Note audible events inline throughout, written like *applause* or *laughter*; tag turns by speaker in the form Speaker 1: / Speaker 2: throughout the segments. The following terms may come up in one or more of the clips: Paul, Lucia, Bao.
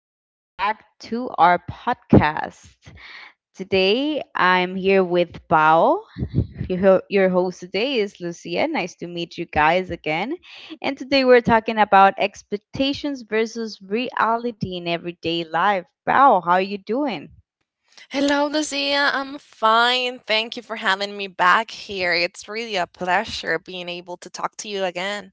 Speaker 1: Welcome back to our podcast. Today, I'm here with Bao. Your host today is Lucia. Nice to meet you guys again. And today, we're talking about expectations versus reality in everyday life. Bao, how are you doing?
Speaker 2: Hello, Lucia. I'm fine. Thank you for having me back here. It's really a pleasure being able to talk to you again.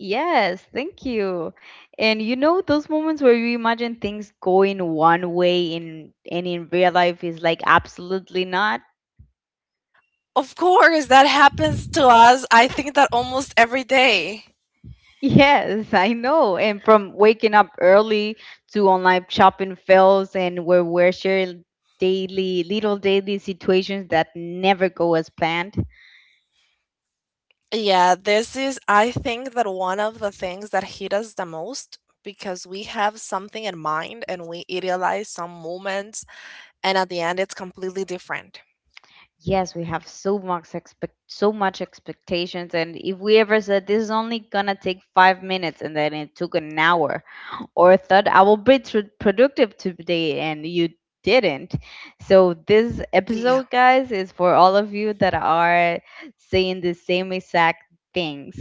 Speaker 1: Yes, thank you. And those moments where you imagine things going one way in real life is like absolutely not.
Speaker 2: Of course, that happens to us. I think that almost every day.
Speaker 1: Yes, I know. And from waking up early to online shopping fails, and where we're sharing daily, little daily situations that never go as planned.
Speaker 2: Yeah, this is, I think that one of the things that hit us the most because we have something in mind and we idealize some moments, and at the end, it's completely different.
Speaker 1: Yes, we have so much expectations. And if we ever said this is only gonna take 5 minutes, and then it took an hour, or thought I will be productive today and you didn't. So this
Speaker 2: Yeah.
Speaker 1: episode, guys, is for all of you that are saying the same exact things.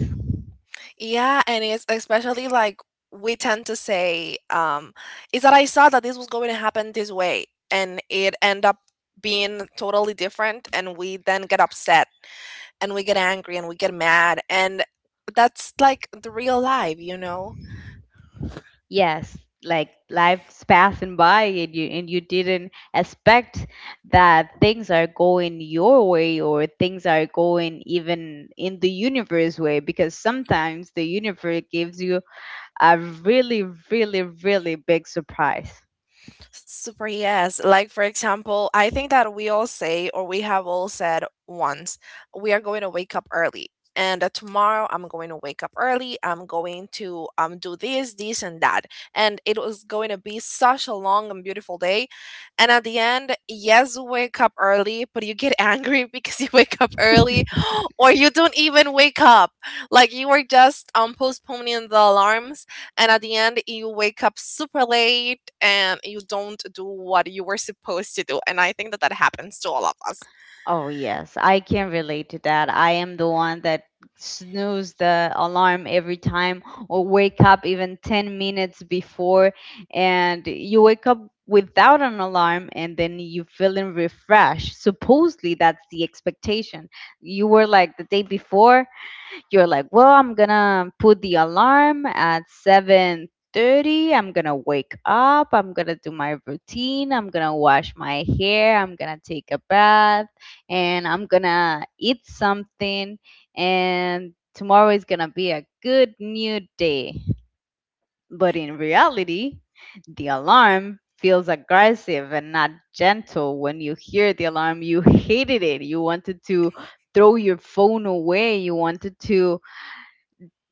Speaker 2: Yeah, and it's especially like we tend to say, is that I saw that this was going to happen this way, and it end up being totally different, and we then get upset and we get angry and we get mad, and that's like the real life, you know?
Speaker 1: Yes, like life's passing by and you didn't expect that things are going your way, or things are going even in the universe way, because sometimes the universe gives you a really, really, really big surprise.
Speaker 2: Super yes. Like for example, I think that we all say or we have all said once, we are going to wake up early. And tomorrow I'm going to wake up early. I'm going to do this, this and that. And it was going to be such a long and beautiful day. And at the end, yes, you wake up early, but you get angry *laughs* because you wake up early *gasps* or you don't even wake up. Like you are just postponing the alarm, and at the end you wake up super late, and you don't do what you were supposed to do. And I think that that happens to all of us.
Speaker 1: Oh, yes, I can relate to that. I am the one that snooze the alarm every time, or wake up even 10 minutes before, and you wake up without an alarm and then you feeling refreshed. Supposedly, that's the expectation. You were like the day before, you're like, well, I'm gonna put the alarm at 7:30. I'm gonna wake up. I'm gonna do my routine. I'm gonna wash my hair. I'm gonna take a bath, and I'm gonna eat something. And tomorrow is gonna be a good new day. But in reality, the alarm feels aggressive and not gentle. When you hear the alarm, you hated it. You wanted to throw your phone away. You wanted to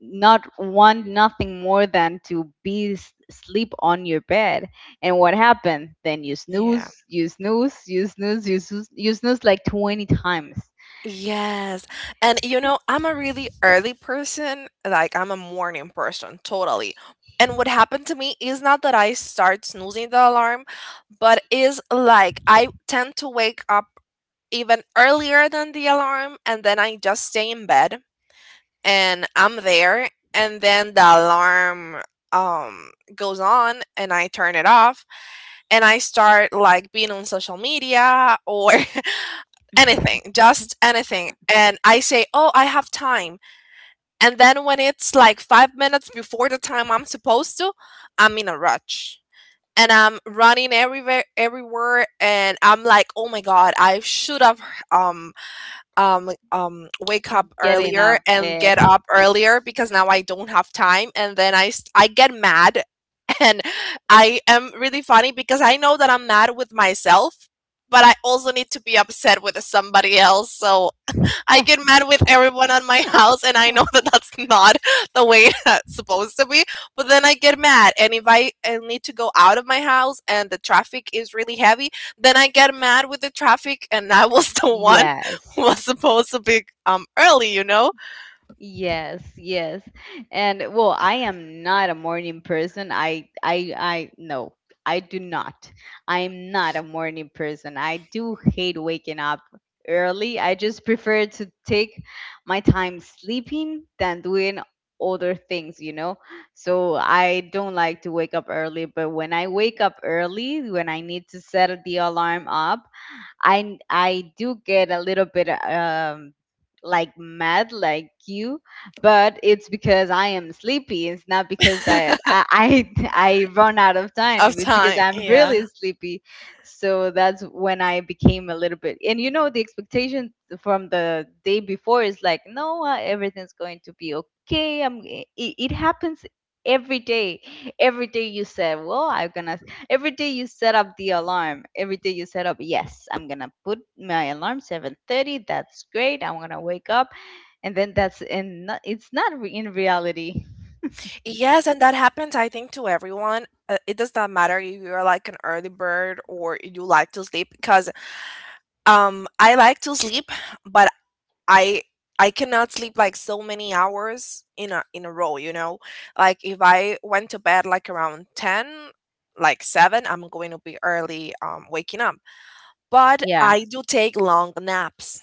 Speaker 1: not want nothing more than to be sleep on your bed. And what happened? Then you
Speaker 2: Yeah.
Speaker 1: snooze, you snooze, you snooze, you snooze, you snooze like 20 times.
Speaker 2: Yes, and you know I'm a really early person, like I'm a morning person totally. And what happened to me is not that I start snoozing the alarm, but is like I tend to wake up even earlier than the alarm. And then I just stay in bed, and I'm there, and then the alarm goes on, and I turn it off. And I start like being on social media or *laughs* anything,
Speaker 1: *laughs*
Speaker 2: just anything. And I say, "Oh, I have time." And then when it's like 5 minutes before the time I'm supposed to, I'm in a rush. And I'm running everywhere, and I'm like, "Oh my god, I should have um wake up
Speaker 1: Getting out
Speaker 2: earlier
Speaker 1: of
Speaker 2: and get
Speaker 1: bed.
Speaker 2: up earlier because now I don't have time, and then I get mad." *laughs* And I am really funny because I know that I'm mad with myself, but I also need to be upset with somebody else, so I get mad with
Speaker 1: Uh,
Speaker 2: everyone on my *laughs* house. And I know that that's not *laughs* the way *laughs* that's supposed to be. But then I get mad, and if I need to go out of my house and the traffic is really heavy, then I get mad with the traffic, and I was *laughs* the one
Speaker 1: Yes.
Speaker 2: who was supposed to be early,
Speaker 1: Yes, yes. And well, I am not a morning person. I No, I do not. I am not a morning person. I do hate waking up early. I just prefer to take my time sleeping than doing other things, you know? So I don't like to wake up early, but when I wake up early, when I need to set the alarm up, I do get a little bit like mad like you, but it's because I am sleepy. It's not because that
Speaker 2: *laughs*
Speaker 1: *laughs* I run out of
Speaker 2: of
Speaker 1: time. It's because
Speaker 2: time.
Speaker 1: I'm
Speaker 2: Yeah.
Speaker 1: really
Speaker 2: *laughs*
Speaker 1: sleepy. So that's when I became a little bit. And you know, the expectation from the day before is like, no, everything's going to be okay. It happens every day. Every day you said, well, I'm going to Every day you set up the alarm. Every day you set up, yes, I'm gonna put my alarm 7:30. That's great. I'm gonna wake up. And then that's and not, it's not re- in reality.
Speaker 2: Yes, and that happens, I think, to everyone. It does not matter if you're like an early bird or you like to sleep, because I like to sleep, but I I cannot sleep like so many hours in a row, you know? Like if I went to bed like around 10, like 7, I'm going to be early waking up. But
Speaker 1: Yeah.
Speaker 2: I do take long naps.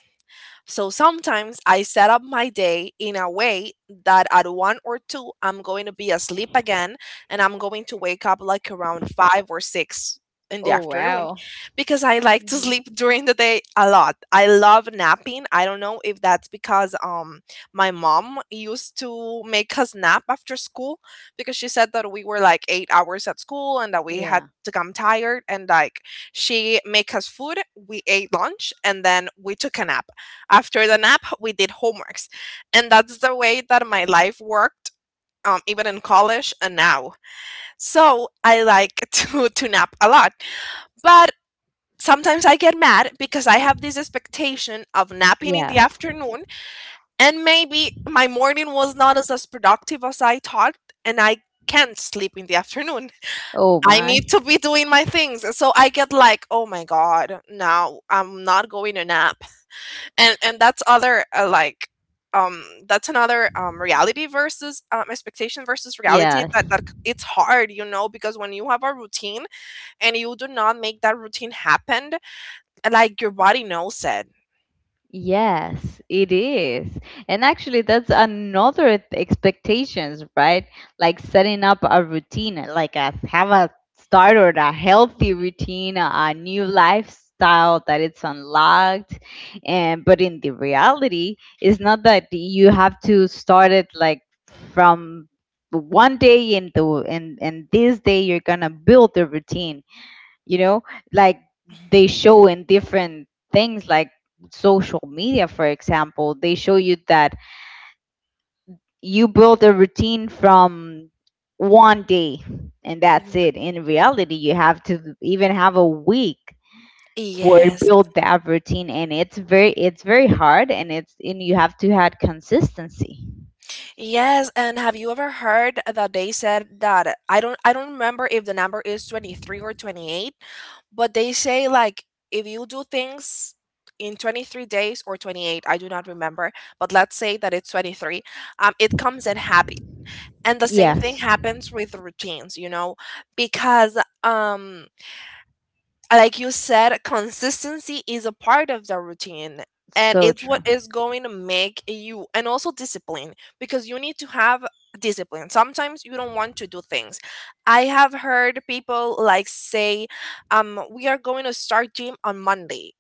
Speaker 2: So sometimes I set up my day in a way that at 1 or 2, I'm going to be asleep again, and I'm going to wake up like around 5 or 6 in the
Speaker 1: Oh
Speaker 2: afternoon
Speaker 1: wow.
Speaker 2: because I like to
Speaker 1: Hmm.
Speaker 2: sleep *laughs* during the day a lot. I love napping. I don't know if that's because my mom used to make us nap after school because she said that we were like 8 hours at school and that we had
Speaker 1: Yeah.
Speaker 2: to come tired, and like she make us food, we ate lunch, and then we took a nap. After the nap, we did homeworks. And that's the way that my life worked, even in college and now. So I like *laughs* to nap a lot. But sometimes I get mad because I have this expectation of napping in the
Speaker 1: Yes.
Speaker 2: afternoon, and maybe my morning was not as productive as I thought, and I can't sleep in the afternoon. *laughs*
Speaker 1: Oh
Speaker 2: I
Speaker 1: my.
Speaker 2: need to be doing my things. So I get like, oh my God, now I'm not going to nap, and that's other like that's another reality versus expectation versus reality
Speaker 1: Yeah.
Speaker 2: that that c- It's hard because when you have a routine and you do not make that routine happen, like, your body knows it.
Speaker 1: Yes, it is. And actually, that's another expectations, right? Like setting up a routine, like have a start, or a healthy routine, a new lifestyle that it's unlocked. And but in the reality, it's not that you have to start it like from one day into and this day you're gonna build the routine, you know, like they show in different things like social media, for example. They show you that you build a routine from one day and that's
Speaker 2: Mhm.
Speaker 1: it. In reality, you have to even have a week for to
Speaker 2: Yes.
Speaker 1: build that routine, and it's very hard, and it's and you have to have consistency.
Speaker 2: Yes, and have you ever heard that they said that I don't remember if the number is 23 or 28, but they say like if you do things in 23 days or 28, I do not remember, but let's say that it's 23, it comes in happy. And the same thing
Speaker 1: Yes.
Speaker 2: happens with routines, because um like you said, consistency is a part of the routine, and
Speaker 1: So
Speaker 2: it's what
Speaker 1: true.
Speaker 2: is going to make you, and also discipline because you need to have discipline. Sometimes you don't want to do things. I have heard people like say we are going to start gym on Monday,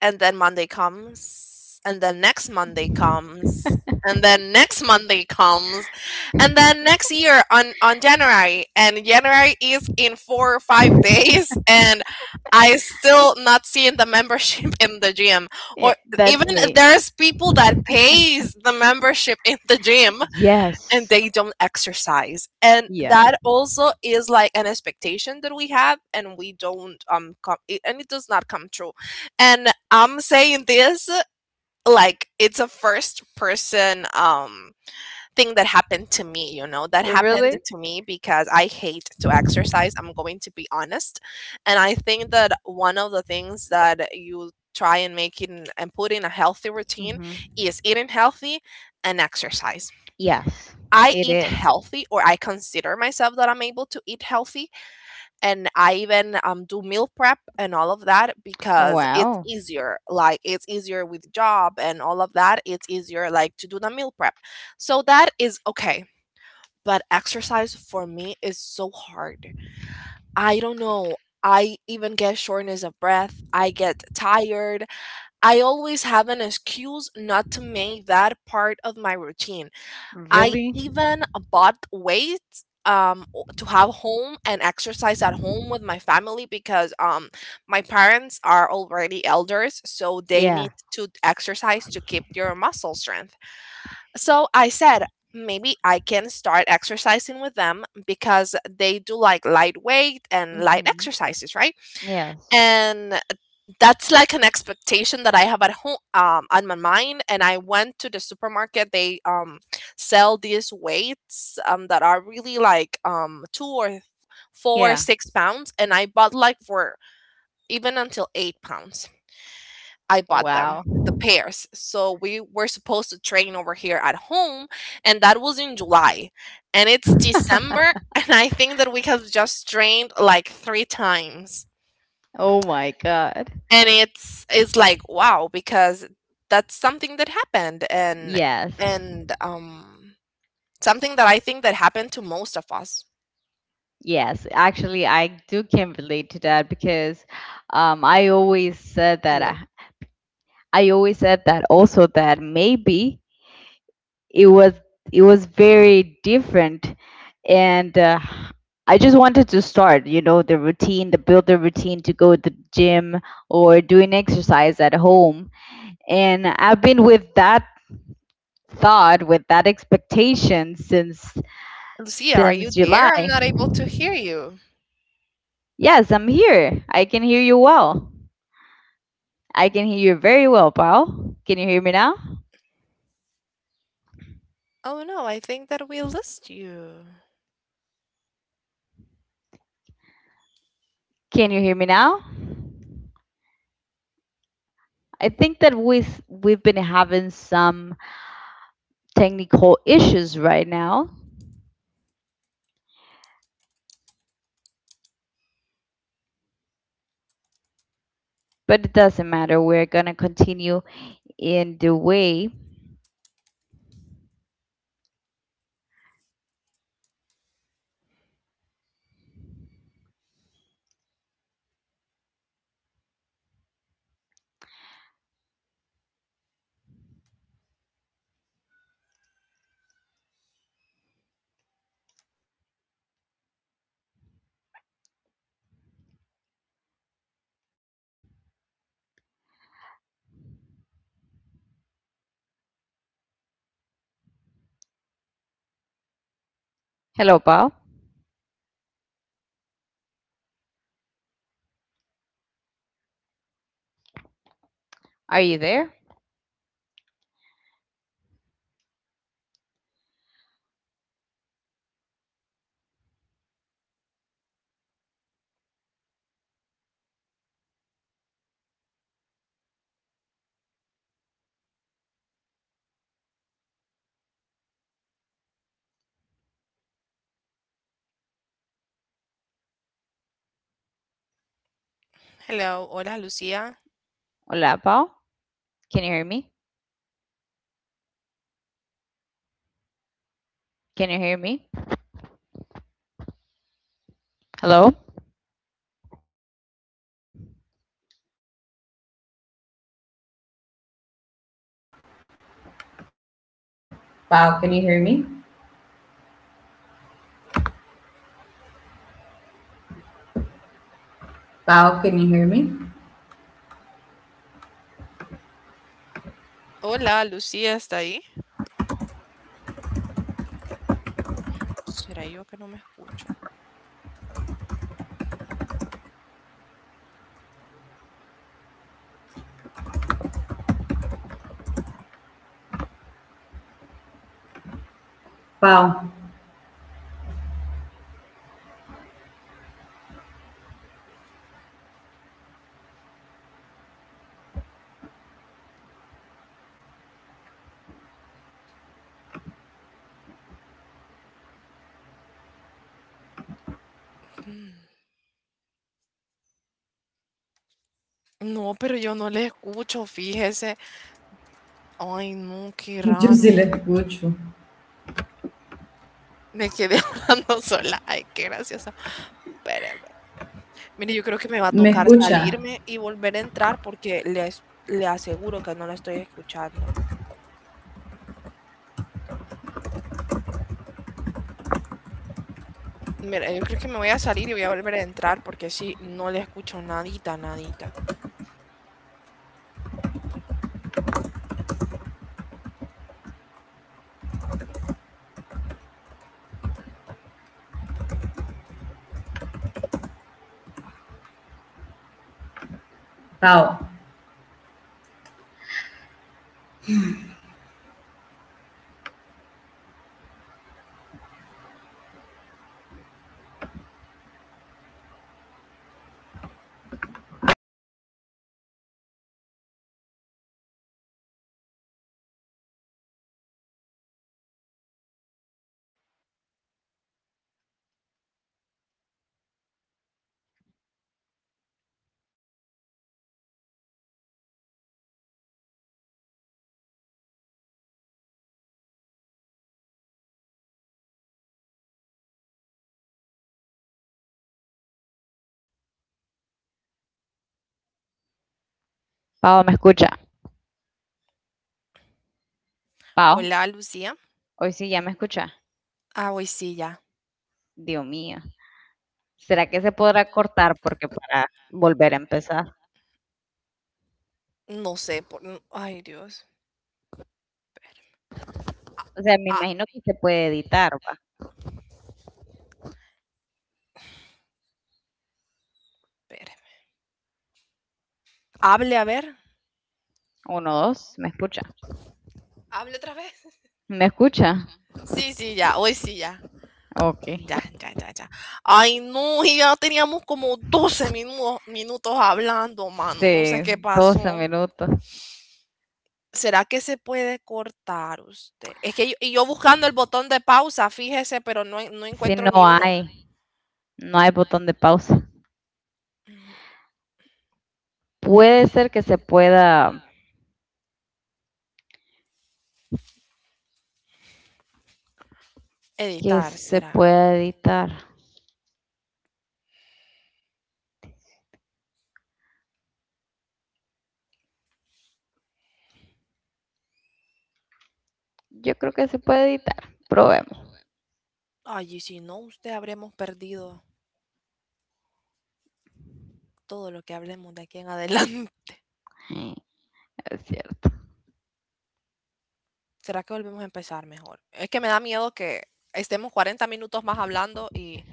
Speaker 2: and then Monday comes, and then next Monday comes, and then next Monday comes, and then
Speaker 1: *laughs*
Speaker 2: next year on January, and January is in 4 or 5 *laughs* days, and I still not seeing the membership *laughs* in the gym.
Speaker 1: Yeah,
Speaker 2: Or even
Speaker 1: that's me.
Speaker 2: there's people that pays the membership in the gym and
Speaker 1: Yes.
Speaker 2: they don't exercise, and
Speaker 1: Yes.
Speaker 2: that also is like an expectation that we have, and we don't come it, and it does not come true. And I'm saying this like it's a first person thing that happened to me,
Speaker 1: You really?
Speaker 2: because I hate to exercise. I'm going to be honest. And I think that one of the things that you try and make in and put in a healthy routine
Speaker 1: Mhm.
Speaker 2: is eating healthy and exercise.
Speaker 1: Yes,
Speaker 2: I
Speaker 1: it
Speaker 2: eat
Speaker 1: is.
Speaker 2: healthy, or I consider myself that I'm able to eat healthy, and I even do meal prep and all of that because it's
Speaker 1: Wow.
Speaker 2: easier. Like it's easier with job and all of that. It's easier like to do the meal prep, so that is okay. But exercise for me is so hard. I don't know. I even get shortness of breath. I get tired. I always have an excuse not to make that part of my routine. I
Speaker 1: Really?
Speaker 2: even bought weights to have home and exercise at home with my family because my parents are already elders, so they
Speaker 1: Yeah.
Speaker 2: need to exercise to keep their muscle strength. So I said maybe I can start exercising with them because they do like light weight and light
Speaker 1: Hmm.
Speaker 2: exercises, right?
Speaker 1: Yes.
Speaker 2: And that's like an expectation that I have at home on my mind. And I went to the supermarket. They sell these weights that are really like two or four,
Speaker 1: Yeah.
Speaker 2: 6 pounds. And I bought like for even until 8 pounds. I bought them,
Speaker 1: Wow.
Speaker 2: the pairs. So we were supposed to train over here at home. And that was in July. And it's December. *laughs* And I think that we have just trained like three times.
Speaker 1: Oh my God.
Speaker 2: And it's like wow because that's something that happened, and
Speaker 1: Yes.
Speaker 2: and um something that I think that happened to most of us.
Speaker 1: Yes. Actually, I do can relate to that because um, I always said that I,
Speaker 2: Hello,
Speaker 1: I always said that also that maybe it was it was very different, and I just wanted to start, you know, the build the routine to go to the gym or doing exercise at home. And I've been with that thought with that expectation
Speaker 2: Lucia, are you
Speaker 1: since July.
Speaker 2: there? I'm not able to hear you.
Speaker 1: Yes, I'm here. I can hear you well. I can hear you very well. Paul, can you hear me now?
Speaker 2: Oh no, I think that we lost you.
Speaker 1: Can you hear me now? I think that we've been having some technical issues right now. But it doesn't matter. We're going to continue in the way. Hello, Paul. Are you there?
Speaker 2: Hello. Hola, lucia
Speaker 1: Hola, Paul. Can you hear me? Can you hear me? Hello? Pau, can you hear me? Pau, can you hear me?
Speaker 2: hola, lucia está ahí. ¿Será yo que no me escucho?
Speaker 1: Pow,
Speaker 2: Mm, no, pero yo no le escucho, fíjese. Ay, no, qué
Speaker 1: Juzile,
Speaker 2: raro.
Speaker 1: Gucho,
Speaker 2: Me quedé *laughs* hablando sola. Ay, qué gracioso. Espéreme. Mire, yo creo que me va a
Speaker 1: me
Speaker 2: tocar
Speaker 1: escucha?
Speaker 2: salirme y volver a entrar porque le aseguro que no la estoy escuchando. Mira, yo creo que me voy a salir y voy a volver a entrar porque sí, no le escucho nadita, nadita.
Speaker 1: Pau. Pau, ¿me escucha? Pau,
Speaker 2: Hola, Lucía.
Speaker 1: hoy sí ya me escucha.
Speaker 2: Ah, hoy sí, ya.
Speaker 1: Dios mío. ¿Será que se podrá cortar porque para volver a empezar?
Speaker 2: No sé. Ay, Dios.
Speaker 1: O sea, me
Speaker 2: Ah,
Speaker 1: imagino que se puede editar, va.
Speaker 2: espérame. Hable a ver.
Speaker 1: Uno, dos, ¿me escucha?
Speaker 2: ¿Hable otra vez?
Speaker 1: ¿Me escucha?
Speaker 2: *laughs* Sí, sí, ya. Hoy sí, ya.
Speaker 1: Ok.
Speaker 2: Ya, ya, ya, ya. Ay, no. Y ya teníamos como doce minutos hablando, mano. No sé
Speaker 1: Sí,
Speaker 2: qué
Speaker 1: doce
Speaker 2: pasó.
Speaker 1: minutos.
Speaker 2: ¿Será que se puede cortar usted? Es que y yo buscando el botón de pausa, fíjese, pero no, no
Speaker 1: Si no
Speaker 2: encuentro ni uno.
Speaker 1: hay, no hay botón de pausa. Puede ser que
Speaker 2: Editar
Speaker 1: se
Speaker 2: será.
Speaker 1: pueda editar. Yo creo que se puede editar. Probemos.
Speaker 2: Ay, y si no, usted habremos perdido todo lo que hablemos de aquí en adelante.
Speaker 1: Sí, es cierto.
Speaker 2: *laughs* ¿Será que volvemos a empezar mejor? Es que me da miedo que estemos cuarenta minutos más hablando, y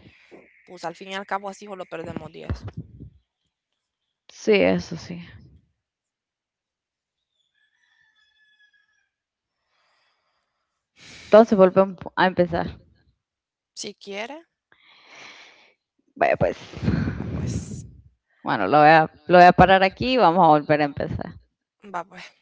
Speaker 2: pues al fin y al cabo así o lo perdemos diez.
Speaker 1: Sí, eso sí. Entonces volvemos a empezar.
Speaker 2: Si quiere,
Speaker 1: Vaya, pues. *laughs*
Speaker 2: va pues,
Speaker 1: Bueno, lo voy a parar aquí y vamos a volver a empezar.
Speaker 2: va pues.